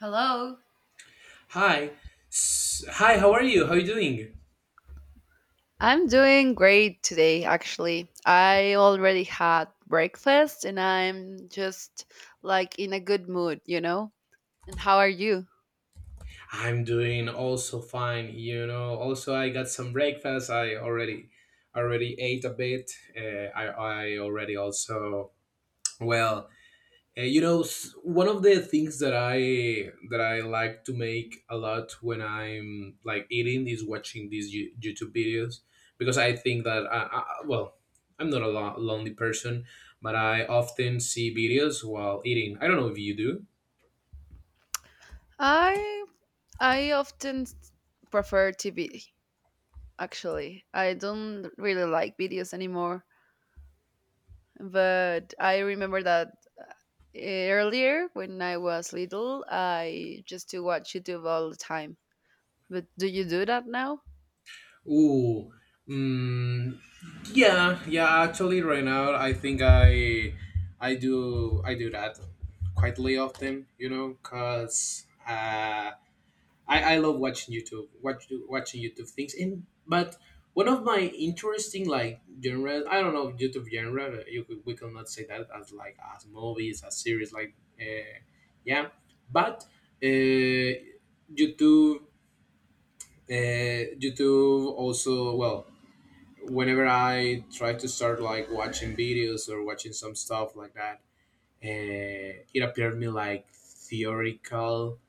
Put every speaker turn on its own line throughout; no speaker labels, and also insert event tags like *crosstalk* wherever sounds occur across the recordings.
Hello.
Hi. Hi, how are you? How are you doing?
I'm doing great today, actually. I already had breakfast and I'm just like in a good mood, you know? And how are you?
I'm doing also fine, you know. Also, I got some breakfast. I already ate a bit. I already also well, one of the things that I like to make a lot when I'm like eating is watching these YouTube videos, because I think that I well, I'm not a lonely person, but I often see videos while eating. I don't know if you do.
I I prefer TV, actually. I don't really like videos anymore, but I remember that earlier when I was little, I just to watch YouTube all the time. But do you do that now?
Ooh, mm, yeah, yeah. Actually, right now, I think I do that quietly often. Cause I love watching YouTube, watching YouTube things. And but one of my interesting like genre, I don't know, YouTube genre. We cannot say that as like as movies, as series, like, uh, yeah. But uh, YouTube, YouTube also well, whenever I try to start like watching videos or watching some stuff like that, it appeared to me like theoretical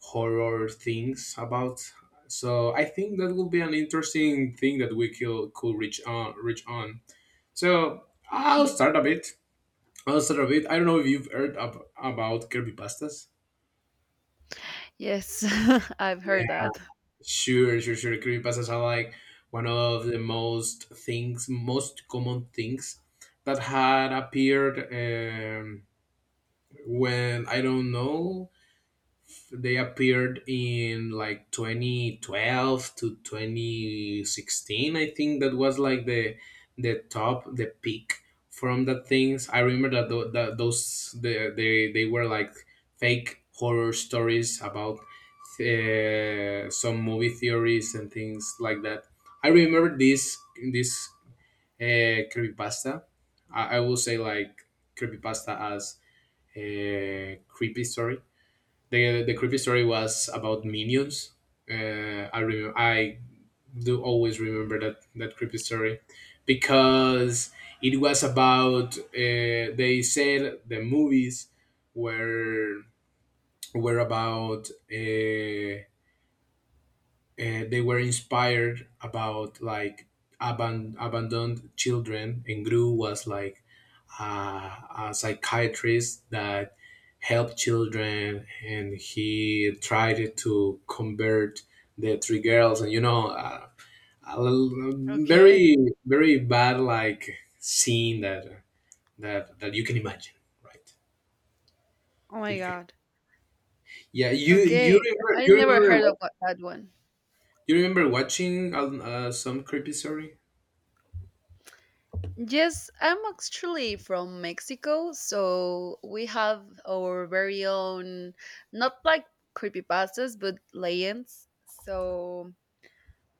horror things about. So I think that will be an interesting thing that we could reach on. So I'll start a bit. I'll start a bit. I don't know if you've heard about Kirby pastas.
Yes, *laughs* I've heard that.
Sure, sure, sure. Creepypastas are like one of the most things, most common things that had appeared, when I don't know, they appeared in like 2012 to 2016. I think that was like the the peak from the things. I remember that, they were like fake horror stories about, some movie theories and things like that. I remember this this creepypasta. I will say like creepypasta as a creepy story, the creepy story was about minions. I do always remember that creepy story, because it was about, they said the movies were were about, they were inspired about like abandoned children, and Gru was like, uh, a psychiatrist that helped children, and he tried to convert the three girls, and a l-
Okay.
very very bad like scene that you can imagine, right?
Oh
That
my
you can.
god.
Yeah, you you
Okay,
remember
I
you
never
remember
heard of
what
that one.
you remember watching, some creepy story.
Yes, I'm actually from Mexico, so we have our very own, not like creepypastas, but legends. So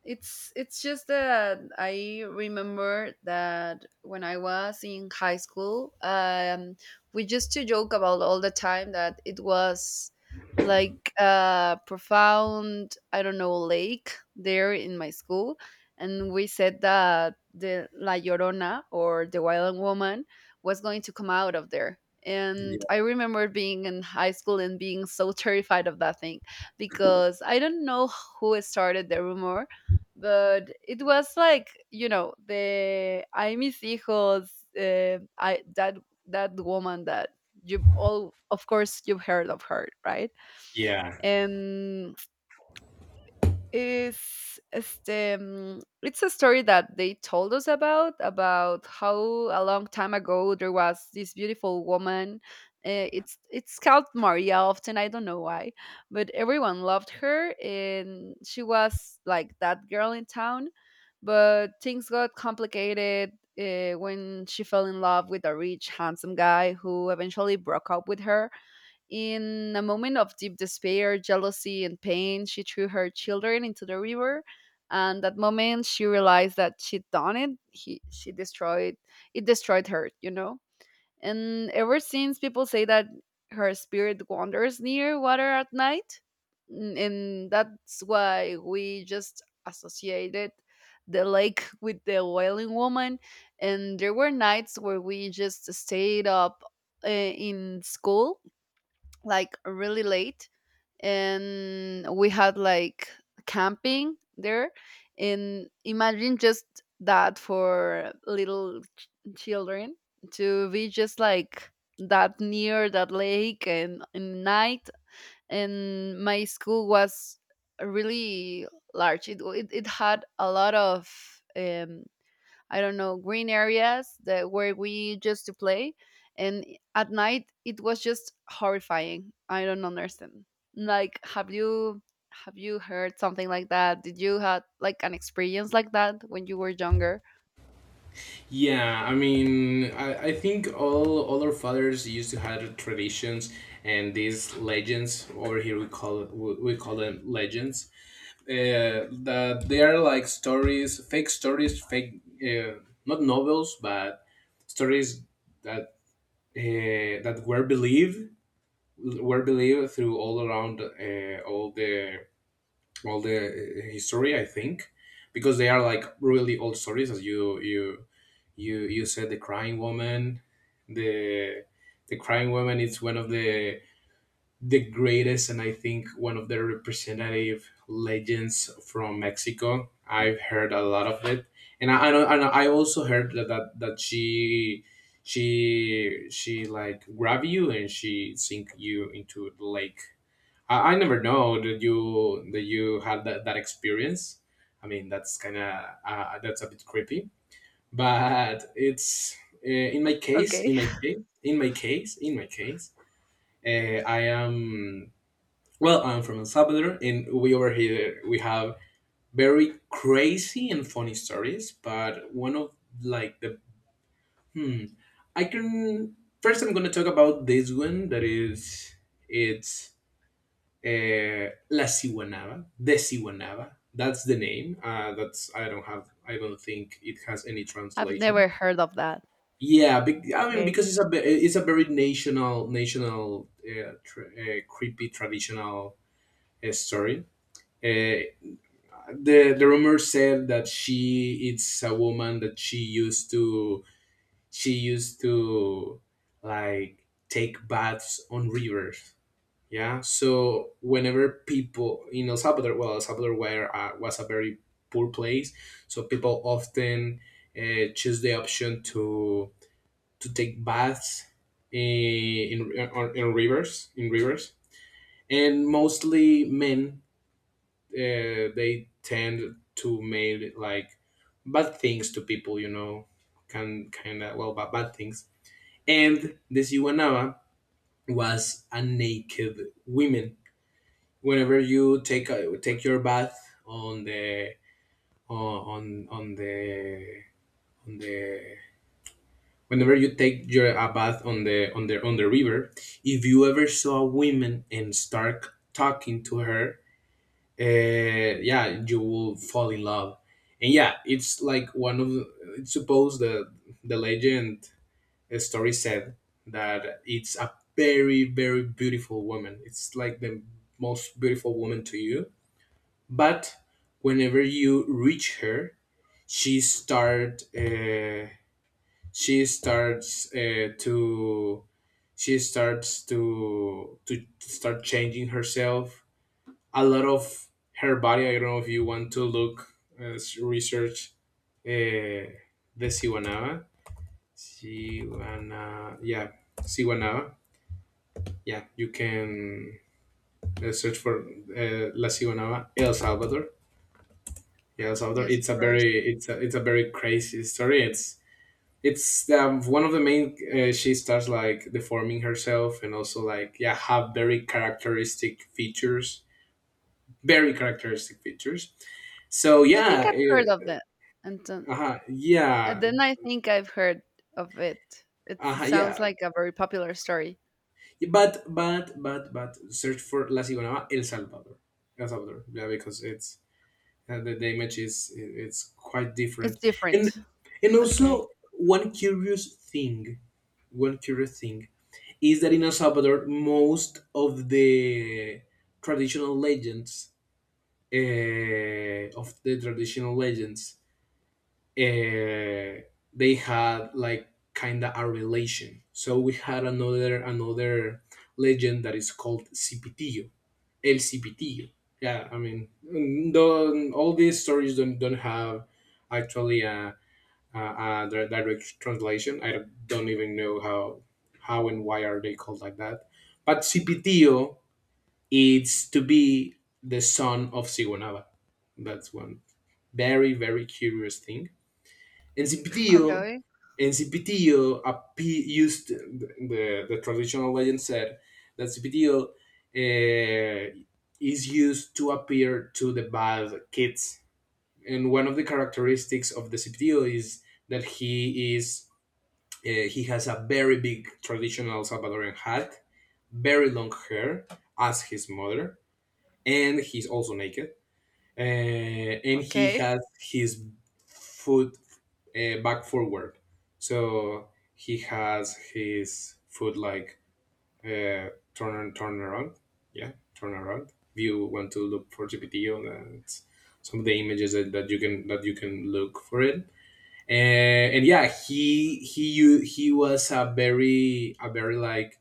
it's just that I remember that when I was in high school, we used to joke about all the time that it was like a profound, I don't know, lake there in my school, and we said that the La Llorona or the Wild Woman was going to come out of there. And
Yeah.
I remember being in high school and being so terrified of that thing because I don't know who started the rumor, but it was like, you know, the I miss hijos, I that that woman that you've, all of course you've heard of her, right?
Yeah.
And is este, it's a story that they told us about how a long time ago there was this beautiful woman. It's called maria often, I don't know why, but everyone loved her and she was like that girl in town. But things got complicated when she fell in love with a rich handsome guy who eventually broke up with her. In a moment of deep despair, jealousy, and pain, she threw her children into the river. And that moment, she realized that she'd done it. He, she destroyed it. Destroyed her, you know. And ever since, people say that her spirit wanders near water at night, n- and that's why we just associated the lake *laughs* with the wailing woman. And there were nights where we just stayed up in school like really late and we had like camping there and imagine just that for little ch- children to be just like that near that lake and night and my school was really large. It had a lot of um, I don't know, green areas that where we used to play. And at night it was just horrifying. I don't understand. Like, have you, have you heard something like that? Did you had like an experience like that when you were younger?
Yeah, I mean, I think all our fathers used to have traditions and these legends. Over here, we call it, we call them legends. That they are like stories, fake stories, fake, not novels, but stories that, that were believed through all around, all the, history. I think because they are like really old stories, as you said, the crying woman, the the crying woman is one of the greatest, and I think one of the representative legends from Mexico. I've heard a lot of it, and I, know, I, know, I also heard that, that she like grab you and she sink you into the lake. I never know that you had that experience. I mean, that's kind of that's a bit creepy, but it's in my case,
Okay.
I am well, I'm from El Salvador, and we, over here, we have very crazy and funny stories. But one of like the hmm I can first, I'm going to talk about this one that is it's la Siwanava, the Siwanava. That's the name. That's I don't have. I don't think it has any
*laughs* I've
translation.
never heard of that.
Yeah, I mean,
Okay.
because it's a very national, creepy traditional, story. Uh, the rumor said that she it's a woman that she used to like take baths on rivers. Yeah, so whenever people in El Salvador, well, El Salvador was a very poor place, so people often, choose the option to take baths, in rivers in rivers, and mostly men, they tend to make like bad things to people, can kind of, well, bad things. And this Iwanaba was a naked woman. Whenever you take your bath on the, on on on the on the whenever you take your a bath on the on the on the river, if you ever saw a woman and start talking to her, yeah, you will fall in love. And yeah, it's like it's supposed, the legend, story said that it's a very very beautiful woman, it's like the most beautiful woman to you. But whenever you reach her, she start uh, she starts uh, to she starts to start changing herself, a lot of her body. I don't know if you want to look, research, uh, the siwanava, siwana yeah siwanava. Yeah, you can, search for, la siwanava el salvador. Yeah, El Salvador,
Yes, of
it's a
course.
very, it's a very crazy story. It's One of the main, she starts like deforming herself, and also like, yeah, have very characteristic features, very characteristic features so
I think
yeah.
I've heard of that. And then,
uh, uh
and
yeah
then I think I've heard of it. It's, it sounds
yeah,
like a very popular story.
but search for la Cigonaba el salvador, yeah, because it's the image is it's quite
It's
different. and
different.
and
Okay.
also, one curious thing is that in El Salvador, most of the traditional legends, uh, of the traditional legends, uh, they had like kind of a relation. So we had another legend that is called Cipitillo, El Cipitillo. Yeah, I mean, don't, all these stories don't have actually the direct translation. I don't even know how and why are they called like that. But Cipitio is to be the son of Sigonava. That's one very very curious thing. And Cipitio,
Okay.
and Cipitio appe- used the traditional legend said that Cipitio. Uh, is used to appear to the bad kids. And one of the characteristics of the Cipitio is that he has a very big traditional Salvadoran hat, very long hair, as his mother, and he's also naked. Uh, and he
Okay.
has his foot, back forward, so he has his foot like, uh, turn around. Yeah, turn around. If you want to look for GPT on, it's some of the images that you can look for it, and yeah, he was a very, like,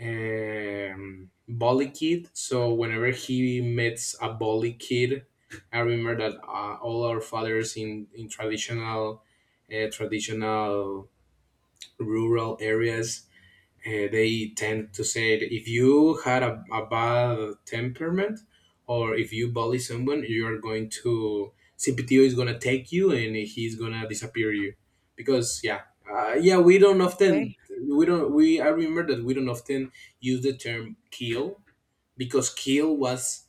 bully kid. So whenever he meets a bully kid, I remember that, all our fathers in traditional, traditional rural areas, they tend to say that if you had a bad temperament, or if you bully someone, you are going to, CPTO is gonna take you and he's gonna disappear you, because yeah, yeah, we don't often
Okay.
we don't we I remember that we don't often use the term kill, because kill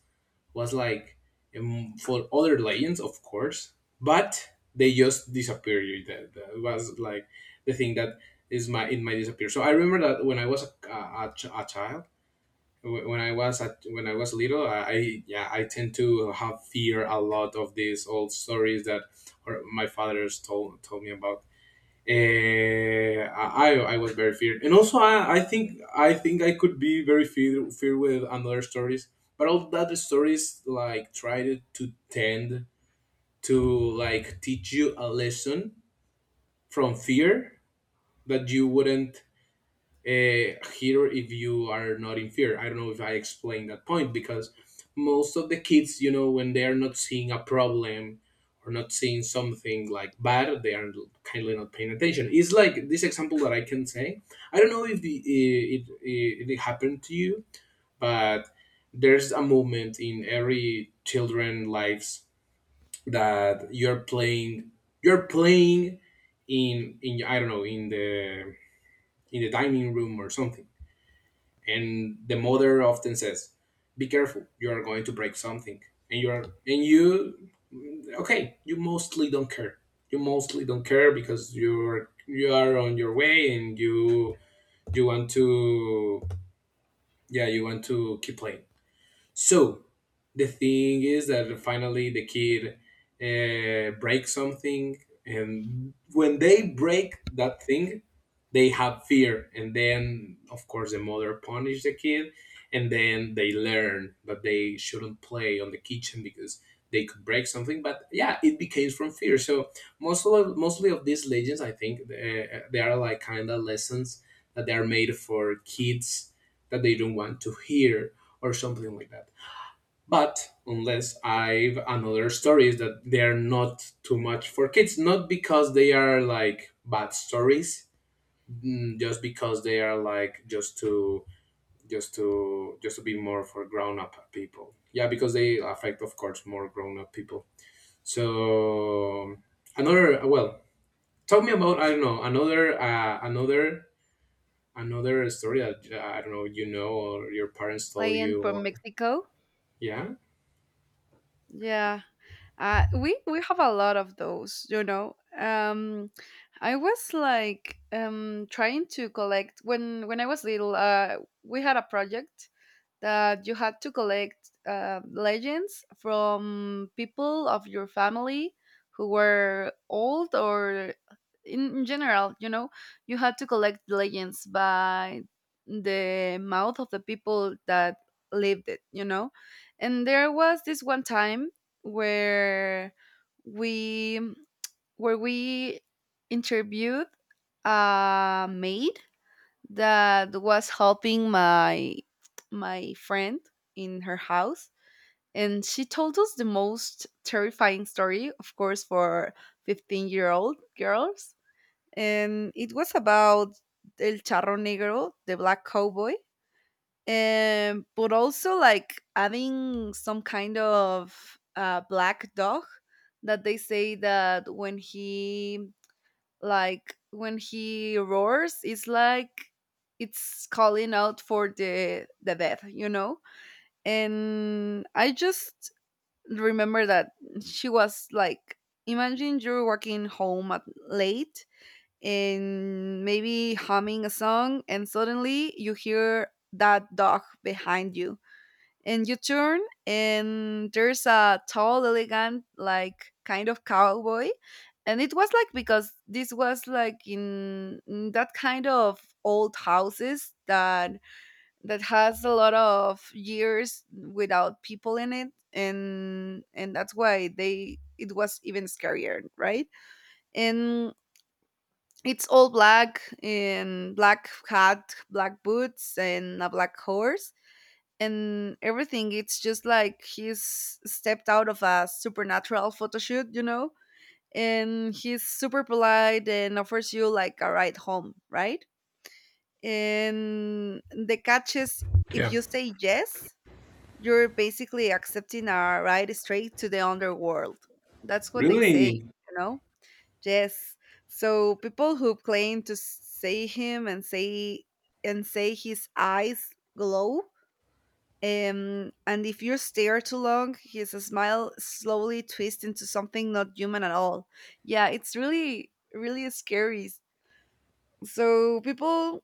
was like, for other legends, of course, but they just disappeared. That was like the thing that is my, in my, disappear. So I remember that when I was a child, when I was at when I was little, I tend to have fear a lot of these old stories that, or my father's told me about. I was very feared, and also I think I could be very fear with another stories, but all the other stories like tried to, tend to like teach you a lesson from fear that you wouldn't, here, if you are not in fear. I don't know if I explained that point, because most of the kids, when they are not seeing a problem or not seeing something like bad, they are kindly not paying attention. It's like this example that I can say. I don't know if it happened to you, but there's a moment in every children lives that you're playing in, I don't know, in the dining room or something, and the mother often says, be careful, you are going to break something. And you are and you, okay, you mostly don't care, because you are on your way, and you want to, yeah, you want to keep playing. So the thing is that finally the kid, breaks something, and when they break that thing, they have fear, and then of course the mother punishes the kid, and then they learn that they shouldn't play on the kitchen because they could break something. But yeah, it became from fear. So mostly of these legends, I think, they are like kind of lessons that they are made for kids that they don't want to hear, or something like that. But unless I've another stories that they're not too much for kids, not because they are like bad stories, just because they are like just to be more for grown up people. Yeah, because they affect, of course, more grown up people. So, another well, tell me about, I don't know, another another story that, I don't know, or your parents told
Client
you,
from
or...
Mexico.
Yeah.
Yeah, we have a lot of those, you know. I was like, trying to collect when I was little. We had a project that you had to collect legends from people of your family who were old or in general. You know, you had to collect legends by the mouth of the people that lived it. You know, and there was this one time where we where we interviewed a maid that was helping my my friend in her house, and she told us the most terrifying story, of course, for 15-year-old girls. And it was about el charro negro, the black cowboy. But also like adding some kind of black dog that they say that when he, like when he roars, it's like it's calling out for the death, you know. And I just remember that she was like, imagine you're walking home at late and maybe humming a song, and suddenly you hear that dog behind you, and you turn, and there's a tall elegant like kind of cowboy. And it was like because this was like in that kind of old houses that that has a lot of years without people in it, and that's why they, it was even scarier, right? And it's all black, and black hat, black boots, and a black horse and everything. It's just like he's stepped out of a supernatural photo shoot, you know. And he's super polite and offers you like a ride home, right? And the catch is, if
Yeah.
you say yes, you're basically accepting a ride straight to the underworld. That's what they say,
Really?
you know. Yes, so people who claim to say him and say his eyes glow, and if you stare too long, his smile slowly twists into something not human at all. Yeah, it's really, really scary. So people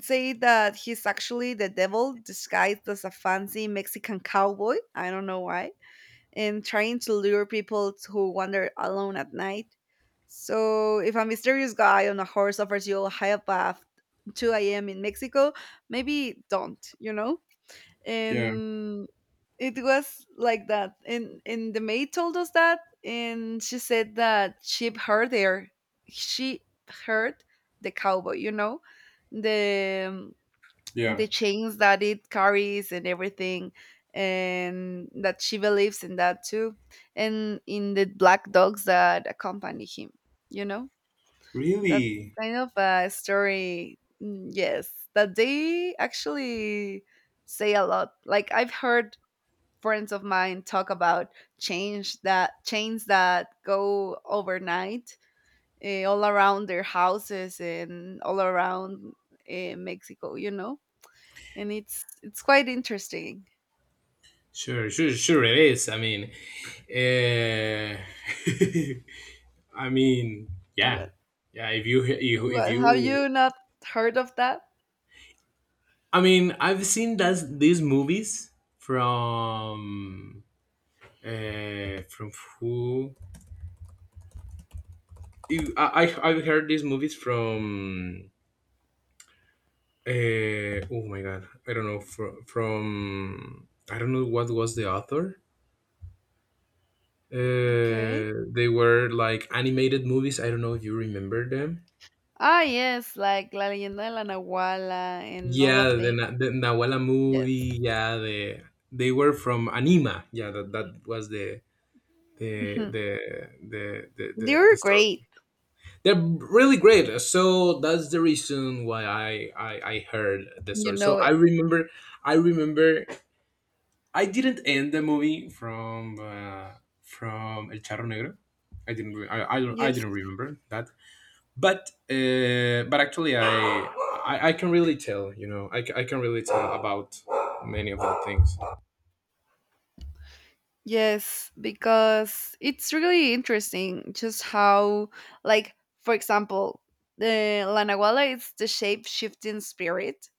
say that he's actually the devil disguised as a fancy Mexican cowboy. I don't know why. And trying to lure people who wander alone at night. So if a mysterious guy on a horse offers you a high path 2 a.m. in Mexico, maybe don't, you know?
Yeah,
And it was like that, and the maid told us that, and she said that she heard there, she heard the cowboy, you know, the um,
yeah.
the chains that it carries and everything, and that she believes in that too, and in the black dogs that accompany him, you know, that
Really?
kind of a story. Yes, that they actually say a lot. Like, I've heard friends of mine talk about change that chains that go overnight, eh, all around their houses and all around Mexico. You know, and it's quite interesting.
Sure, sure, sure. It is. I mean, uh, *laughs* I mean, yeah,
What
yeah. If you, you, if
what have
you,
you not heard of that?
I mean, I've seen that these movies from, from, who? I've heard these movies from. Oh my god, I don't know, from I don't know what was the author.
Okay.
They were like animated movies. I don't know if you remember them.
Ah, yes, like La Leyenda de la Nahuala and all
Yeah,
of
the,
the,
Na- the Nawala
yes.
movie. Yeah, the... They were from Anima. Yeah, that was the the
*laughs*
the the,
They
the, the
were
story.
great.
They're really great. So that's the reason why I heard the
You
story. So
know
I
it.
remember I remember I didn't end the movie from, from El Charro Negro. I
Yes.
didn't remember that. But but actually, I can really tell, I can really tell about many of the things.
Yes, because it's really interesting just how, like, for example, the La Nahuala is the shape shifting spirit.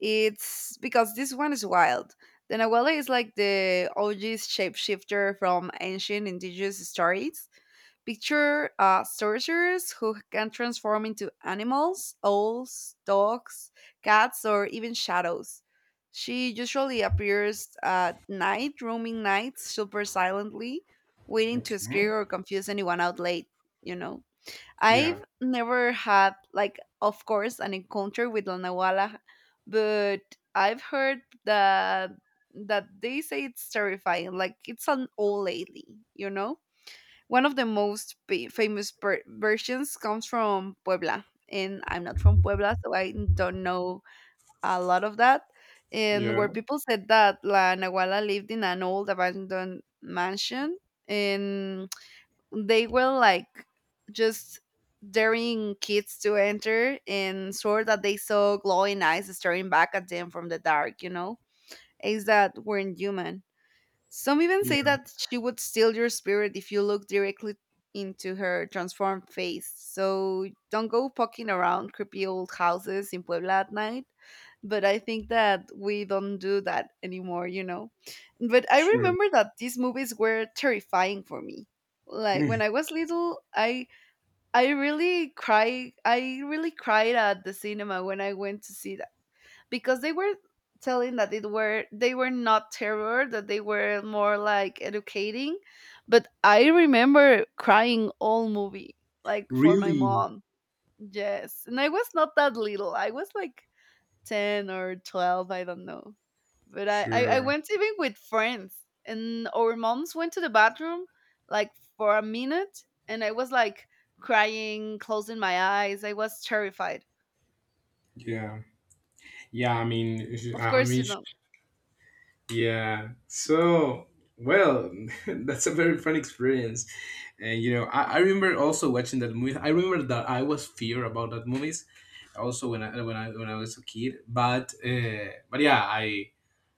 It's because this one is wild. The Nahuala is like the OG shapeshifter from ancient indigenous stories. Picture sorcerers who can transform into animals, owls, dogs, cats, or even shadows. She usually appears at night, roaming nights super silently, waiting to
Okay.
scare or confuse anyone out late, you know. I've
Yeah.
never had, like, of course, an encounter with La Nahuala, but I've heard that that they say it's terrifying. Like, it's an old lady, you know? One of the most pa- famous per- versions comes from Puebla, and I'm not from Puebla, so I don't know a lot of that. And
Yeah.
where people said that La Nahuala lived in an old abandoned mansion, and they were like just daring kids to enter and swore that they saw glowing eyes staring back at them from the dark, you know? Is that weren't human. Some even say
Yeah.
that she would steal your spirit if you look directly into her transformed face. So don't go poking around creepy old houses in Puebla at night. But I think that we don't do that anymore, you know. But I
Sure. *laughs*
remember that these movies were terrifying for me. Like
Mm.
when I was little, I really cry I really cried at the cinema when I went to see because they were telling that it were, they were not terror, that they were more like educating. But I remember crying all movie like for my
Really?
mom. Yes, and I was not that little. I was like 10 or 12, I don't know. But I
Sure.
went even with friends, and our moms went to the bathroom like for a minute, and I was like crying, closing my eyes. I was terrified,
Yeah. Yeah. I mean.
of
I
course,
mean.
you know.
Yeah. So. Well, *laughs* that's a very fun experience, and, I remember also watching that movie. I remember that I was fear about that movies, also when I was a kid. But yeah, I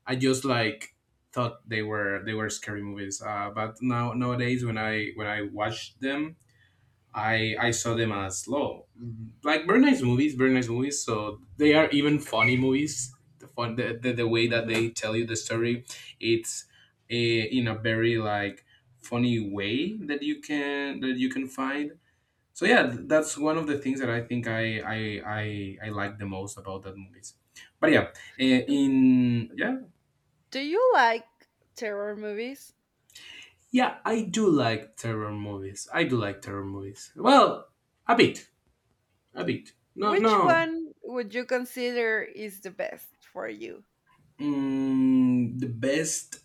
I just like thought they were scary movies. But now nowadays, when I watch them, I saw them as low, like very nice movies, very nice movies. So they are even funny movies. The way that
Hmm.
they tell you the story, it's in a very like funny way that you can find. So yeah, that's one of the things that I think I like the most about that movies. But yeah, in yeah.
Do you like terror movies?
Yeah, I do like terror movies. I do like terror movies. Well, a bit, a bit. No,
Which
no.
one would you consider is the best for you?
The best.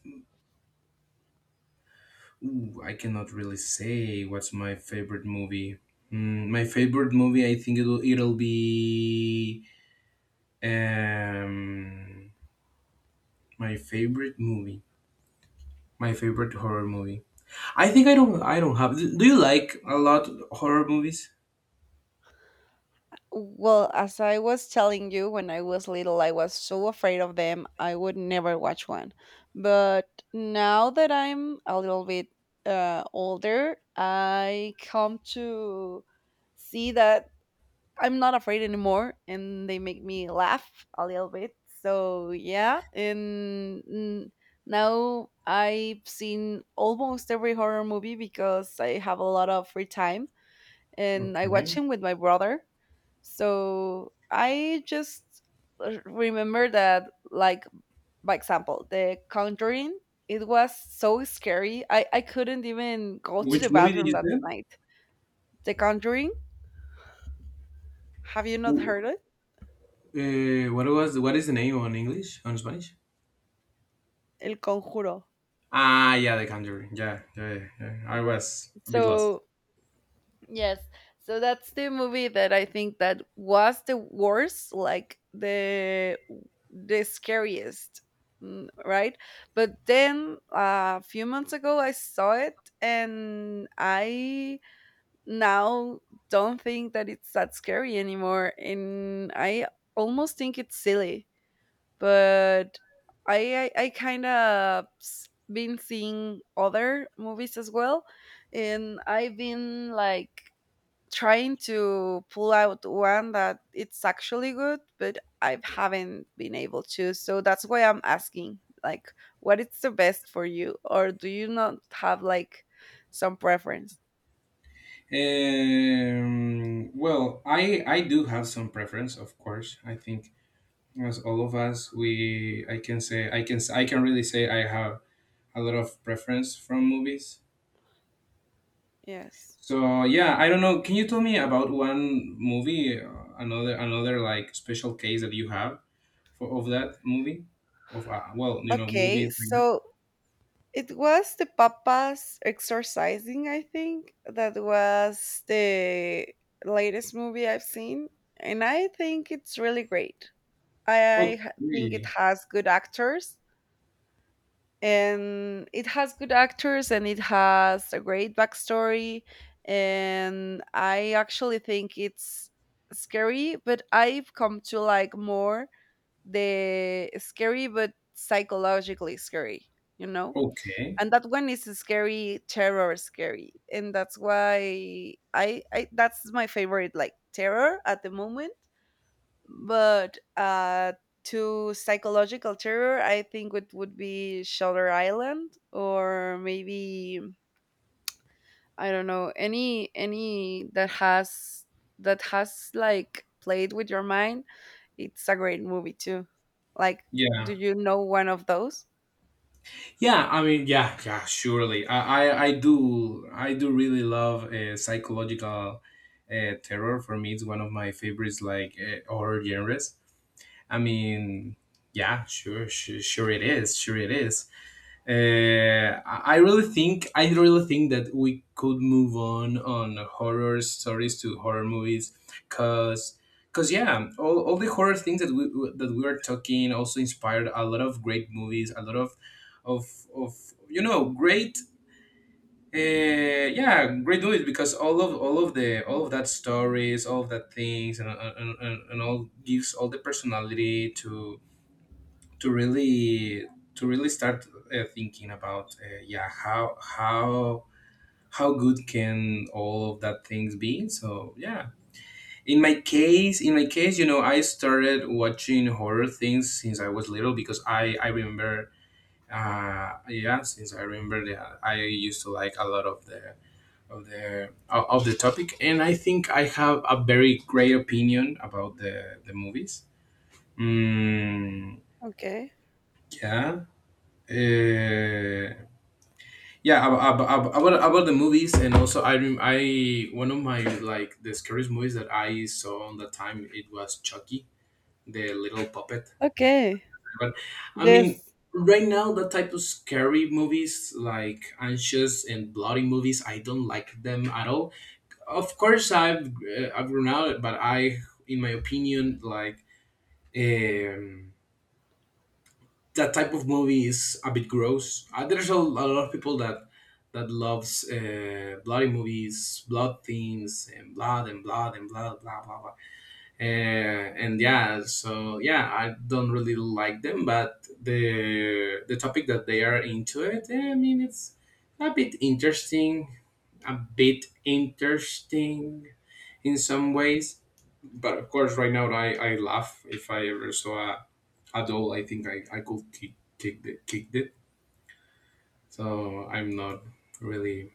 Ooh, I cannot really say what's my favorite movie. My favorite movie, I think it'll be um my favorite movie. My favorite horror movie. I think I don't. I don't have. Do you like a lot horror movies?
Well, as I was telling you, when I was little, I was so afraid of them. I would never watch one. But now that I'm a little bit older, I come to see that I'm not afraid anymore, and they make me laugh a little bit. So yeah, and now I've seen almost every horror movie because I have a lot of free time, and I watch
Okay.
him with my brother. So I just r- remember that, like, by example, The Conjuring. It was so scary. I couldn't even go to the
Which movie did
bathroom that
you
night. The Conjuring. Have you
say?
not heard it?
What is the name on English, on Spanish?
El Conjuro.
Ah, yeah, The Conjuring. Yeah, yeah, yeah, yeah. I was a bit lost.
So yes, so that's the movie that I think that was the worst, like the scariest, right? But then a few months ago I saw it, and I now don't think that it's that scary anymore, and I almost think it's silly. But I kind of been seeing other movies as well, and I've been like trying to pull out one that it's actually good, but I haven't been able to. So that's why I'm asking, like, what is the best for you, or do you not have like some preference?
Well, I do have some preference, of course. I think, as all of us, we I can say I can s- I can really say I have a lot of preference from movies.
Yes.
So yeah, I don't know. Can you tell me about one movie, another, like special case that you have for of that movie? Of, well,
Okay,
movies, like.
so it was the papas exercising, I think. That was the latest movie I've seen, and I think it's really great. Think it
Okay.
has good actors, and it has a great backstory. And I actually think it's scary, but I've come to like more the scary, but psychologically scary, you know?
Okay.
And that one is scary, terror scary, and that's why I that's my favorite like terror at the moment. But to psychological terror, I think it would be Shutter Island or maybe I don't know any that has like played with your mind. It's a great movie too. Like, do
Yeah.
you know one of those?
Yeah. I mean, yeah. Yeah. Surely. I do. I do really love psychological, terror. For me, it's one of my favorites, like, horror genres. I mean, yeah. Sure. Sure. Sure. It is. Sure. It is. I really think that we could move on horror stories to horror movies, cause, yeah, all the horror things that we are talking also inspired a lot of great movies, a lot of of great, yeah, great movies, because all of that stories, all of that things, and all gives all the personality to really to really start, thinking about, yeah, how good can all of that things be, so yeah. In my case, I started watching horror things since I was little, because I remember, yeah, since I remember that I used to like a lot of the, of the of the topic, and I think I have a very great opinion about the movies. mm,
Okay.
yeah. uh, Yeah, about ab- about the movies, and also, I, one of my like the scariest movies that I saw on that time, it was Chucky, the little puppet.
Okay.
But I mean,
Yes.
right now, that type of scary movies, like anxious and bloody movies, I don't like them at all. Of course, I've grown out, but I, in my opinion, like. Um, that type of movie is a bit gross. There's a lot of people that loves bloody movies, blood themes, and blood and blood and blood, blah blah blah. And yeah, so yeah, I don't really like them, but the topic that they are into it, I mean, it's a bit interesting, a bit interesting, in some ways. But of course, right now I laugh if I ever saw a at all. I think I could kicked it. So I'm not really,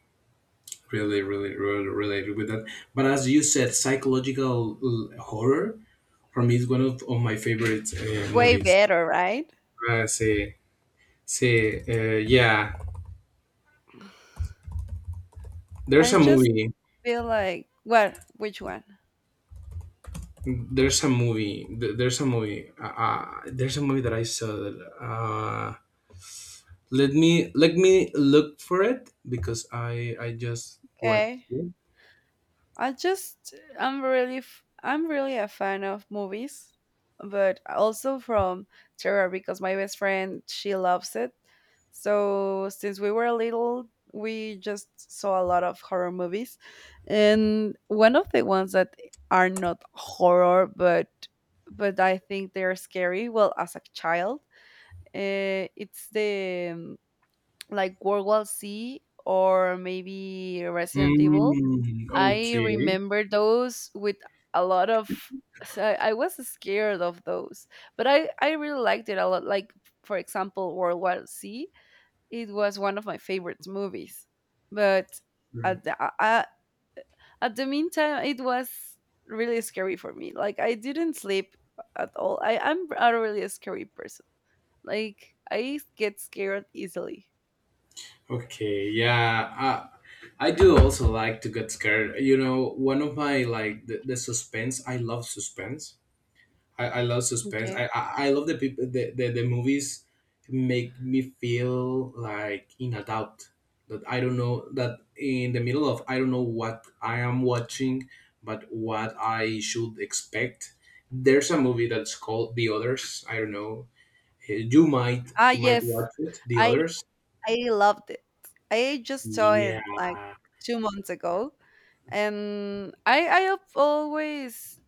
really, really, really related with that. But as you said, psychological, horror for me is one of my favorite,
Way
movies.
better, right?
Uh, say say, yeah. There's
I
a
just
movie.
feel like, well, which one?
There's a movie. There's a movie. There's a movie that I saw. Let me, look for it, because I just watched
Okay.
it.
I just, I'm really, I'm really a fan of movies, but also from terror because my best friend, she loves it. So since we were little, we just saw a lot of horror movies. And one of the ones that are not horror, but I think they're scary. Well, as a child, it's the like World War C or maybe Resident Evil.
Mm,
I
okay.
remember those with a lot of. So I was scared of those, but I really liked it a lot. Like for example, World War C. It was one of my favorite movies, but
Mm.
at the uh, at the meantime, it was really scary for me. Like I didn't sleep at all. I am a really scary person. Like I get scared easily.
Okay, yeah, I do also like to get scared. You know, one of my like the suspense. I love suspense. I love suspense. I,
Okay.
I, I love the people the movies, make me feel like in a doubt that I don't know, that in the middle of, I don't know what I am watching, but what I should expect. There's a movie that's called The Others. I don't know. You might
Ah,
you might
yes.
watch it. The
I
Others.
I loved it. I just saw it
Yeah,
like 2 months ago, and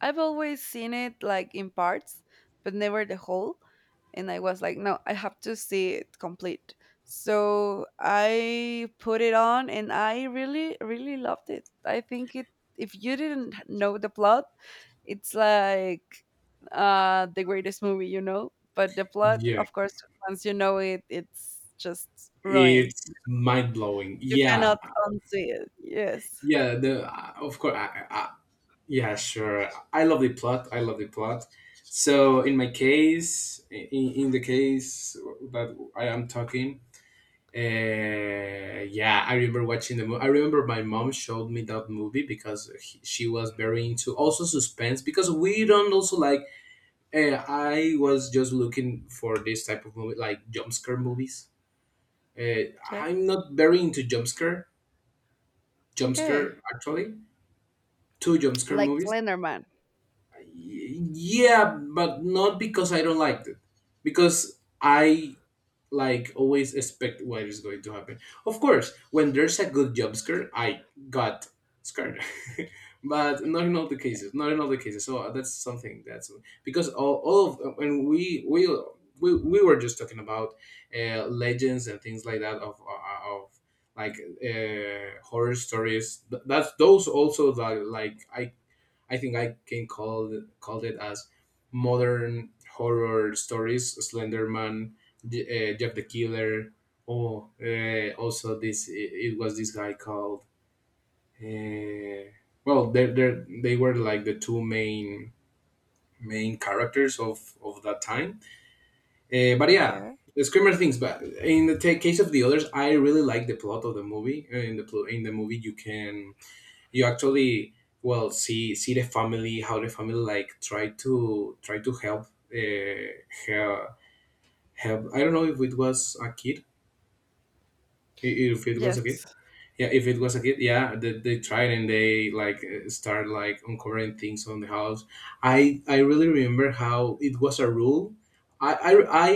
I've always seen it like in parts, but never the whole. And I was like, no, I have to see it complete. So I put it on and I really, really loved it. I think it, if you didn't know the plot, it's like the greatest movie, you know? But the plot,
yeah,
of course, once you know it, it's just ruined.
it's mind blowing.
You
Yeah,
cannot unsee it. Yes.
yeah. The Of course, yeah, sure. I love the plot. I love the plot. So in my case, in the case that I am talking, yeah, I remember watching the movie. I remember my mom showed me that movie because she was very into also suspense, because we don't also like. I was just looking for this type of movie, like jump scare movies.
Yes.
I'm not very into jump scare jump
Okay.
scare actually, two jump scare
Like
movies.
Slenderman.
Yeah, but not because I don't like it, because I like always expect what is going to happen. Of course, when there's a good job scare, I got scared, *laughs* but not in all the cases. Not in all the cases. So, that's something that's, because all of, and we were just talking about, legends and things like that of of, like, horror stories. That's those also that, like, I think I can call it as modern horror stories. Slenderman, Je- Jeff the Killer. Oh, also, this it was this guy called. Uh, well, they were like the two main characters of that time. But yeah,
Okay.
the screamer things. But in the ta case of The Others, I really like the plot of the movie. In the movie, you can, you actually, well see the family, how the family, like, try to help, uh, her, help. I don't know if it was a kid, if it was a kid.
Yes.
Yeah, if it was a kid, yeah, they tried, and they, like, start like uncovering things on the house. I really remember how it was a rule. I i, I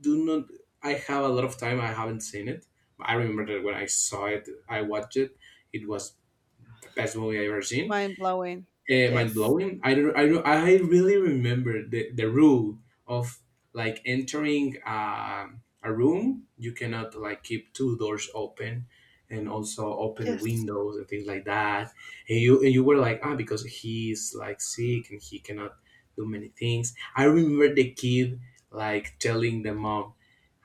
do not, I have a lot of time I haven't seen it, but I remember that when I saw it, I watched it, it was the best movie I ever seen.
Mind blowing.
Mind
Yes.
blowing. I really remember the rule of, like, entering, a room. You cannot, like, keep two doors open, and also open the
Yes.
windows and things like that. And you were like, ah, because he's like sick, and he cannot do many things. I remember the kid, like, telling the mom,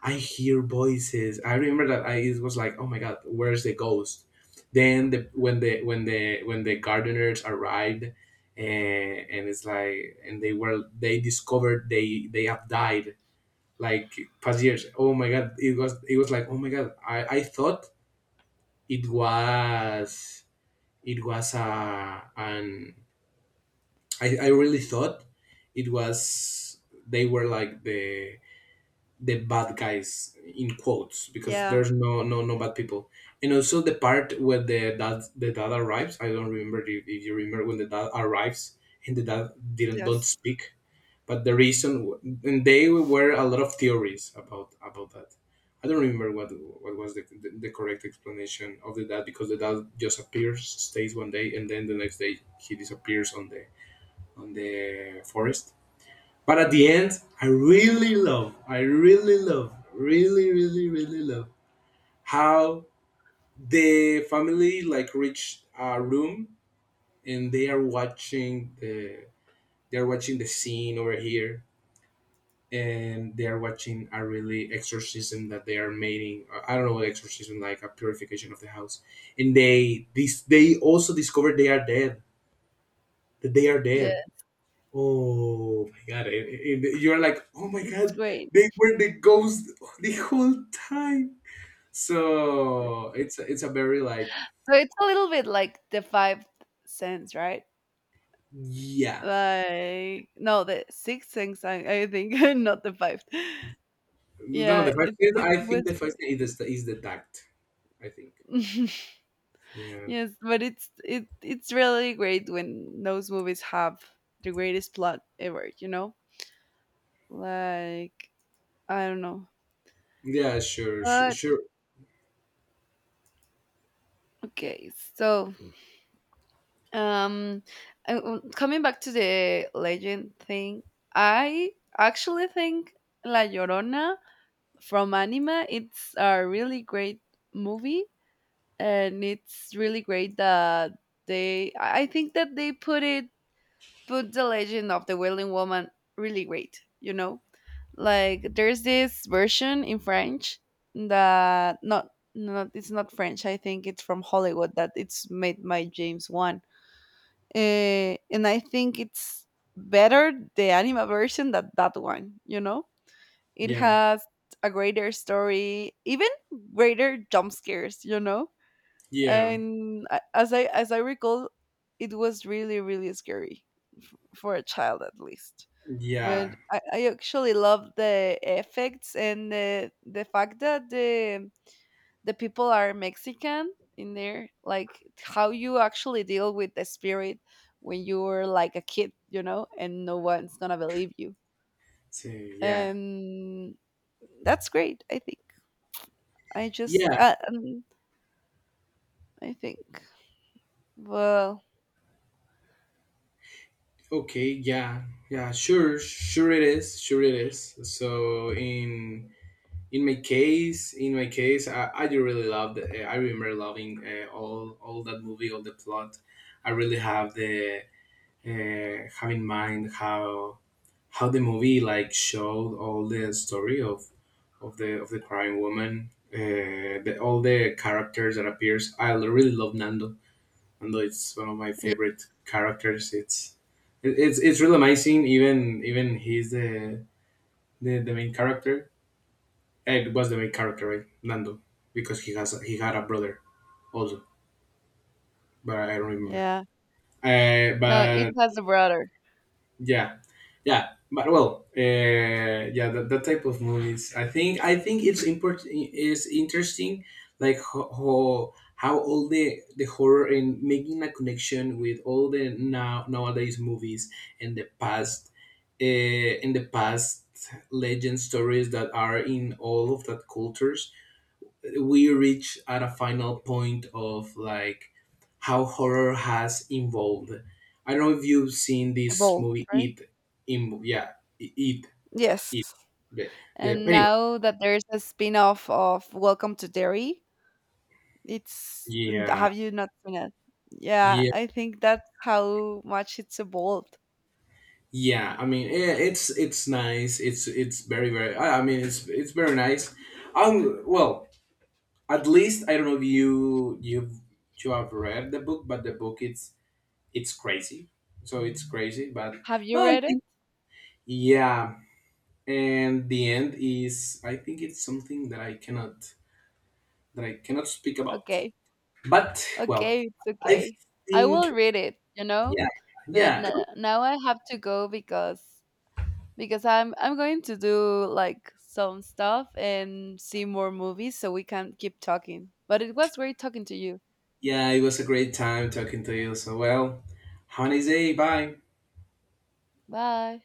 I hear voices. I remember that, I it was like, oh my god, where's the ghost? Then the when the when the when the gardeners arrived, and it's like, and they discovered they have died like past years. Oh my god, it was like, oh my god. I thought it was it was a an I really thought it was they were like the bad guys in quotes, because
Yeah.
there's no bad people. And also the part where the dad arrives. I don't remember if you remember when the dad arrives, and the dad didn't don't
Yes.
speak, but the reason and they were a lot of theories about that. I don't remember what was the correct explanation of the dad, because the dad just appears, stays one day, and then the next day he disappears on the forest. But at the end, I really love, really, really, really love how the family like reach a room, and they are watching the scene over here, and they are watching a really exorcism that they are making. I don't know what exorcism, like a purification of the house. And they also discover they are dead, that they are
Yeah,
dead Oh my god! And you're like, oh my
it's
god,
great.
they were the ghost the whole time.
Yeah.
So it's a very, like.
So it's a little bit like the five Sense, right?
Yeah.
Like no, the six Sense, I think, *laughs* not the five.
No, the
Yeah,
first
it
thing
it
I think the
was
first
great.
thing is the tact. I think.
*laughs*
Yeah.
Yes, but it's really great when those movies have the greatest plot ever, you know? Like, I don't know.
Yeah. Sure. Sure.
But
Sure.
okay, so Um, coming back to the legend thing, I actually think La Llorona from Anima, it's a really great movie, and it's really great that they. I think that they put it put the legend of the Wailing Woman really great. You know, like there's this version in French that not it's not French. I think it's from Hollywood that it's made by James Wan and I think it's better the anime version than that one, you know? It
Yeah.
has a greater story, even greater jump scares, you know?
Yeah.
And as I recall, it was really really scary for a child at least. But
Yeah.
I actually love the effects and the fact that the people are Mexican in there, like how you actually deal with the spirit when you're like a kid, you know, and no one's gonna believe you.
So, yeah.
And that's great, I think. I just,
Yeah.
uh, um, I think, well,
Okay. Yeah. Yeah. Sure. Sure. It is. Sure. It is. So in my case, in my case, I do really love the. I remember loving all that movie, all the plot. I really have in mind how the movie like showed all the story of the crying woman, all the characters that appears. I really love Nando. Nando is one of my
yeah,
favorite characters. It's it- it's it's really amazing, even even he's the the main character. Ed was the main character, right? Nando, because he had a brother also, but I don't remember.
yeah. No, it
But
has a brother,
yeah, yeah, but well, yeah, that type of movies. I think it's important. It's interesting, like how all the horror and making a connection with all the nowadays movies and the past, in the past legend stories that are in all of that cultures, we reach at a final point of like how horror has evolved. I don't know if you've seen
a
this
bolt,
movie,
right?
It. In, yeah, It.
Yes.
It. The, the
And
anyway,
now that there's a spin off of Welcome to Derry, It's n
yeah,
have you not seen it? Yeah,
yeah,
I think that's how much it's evolved.
yeah. I mean, yeah, it's nice. It's very very. I mean, it's very nice. Well, at least I don't know if you have read the book, but the book, it's crazy. So it's crazy, but
Have you
well, I
read it?
think. Yeah. And the end is, I think it's something that I cannot, that I cannot speak about,
Okay.
but well,
Okay, it's
I
okay. I will
think.
read it, you know?
Yeah,
But n
yeah,
now I have to go because I'm going to do, like, some stuff and see more movies so we can keep talking. But it was great talking to you.
yeah. It was a great time talking to you. So well, have a nice day. Bye.
Bye.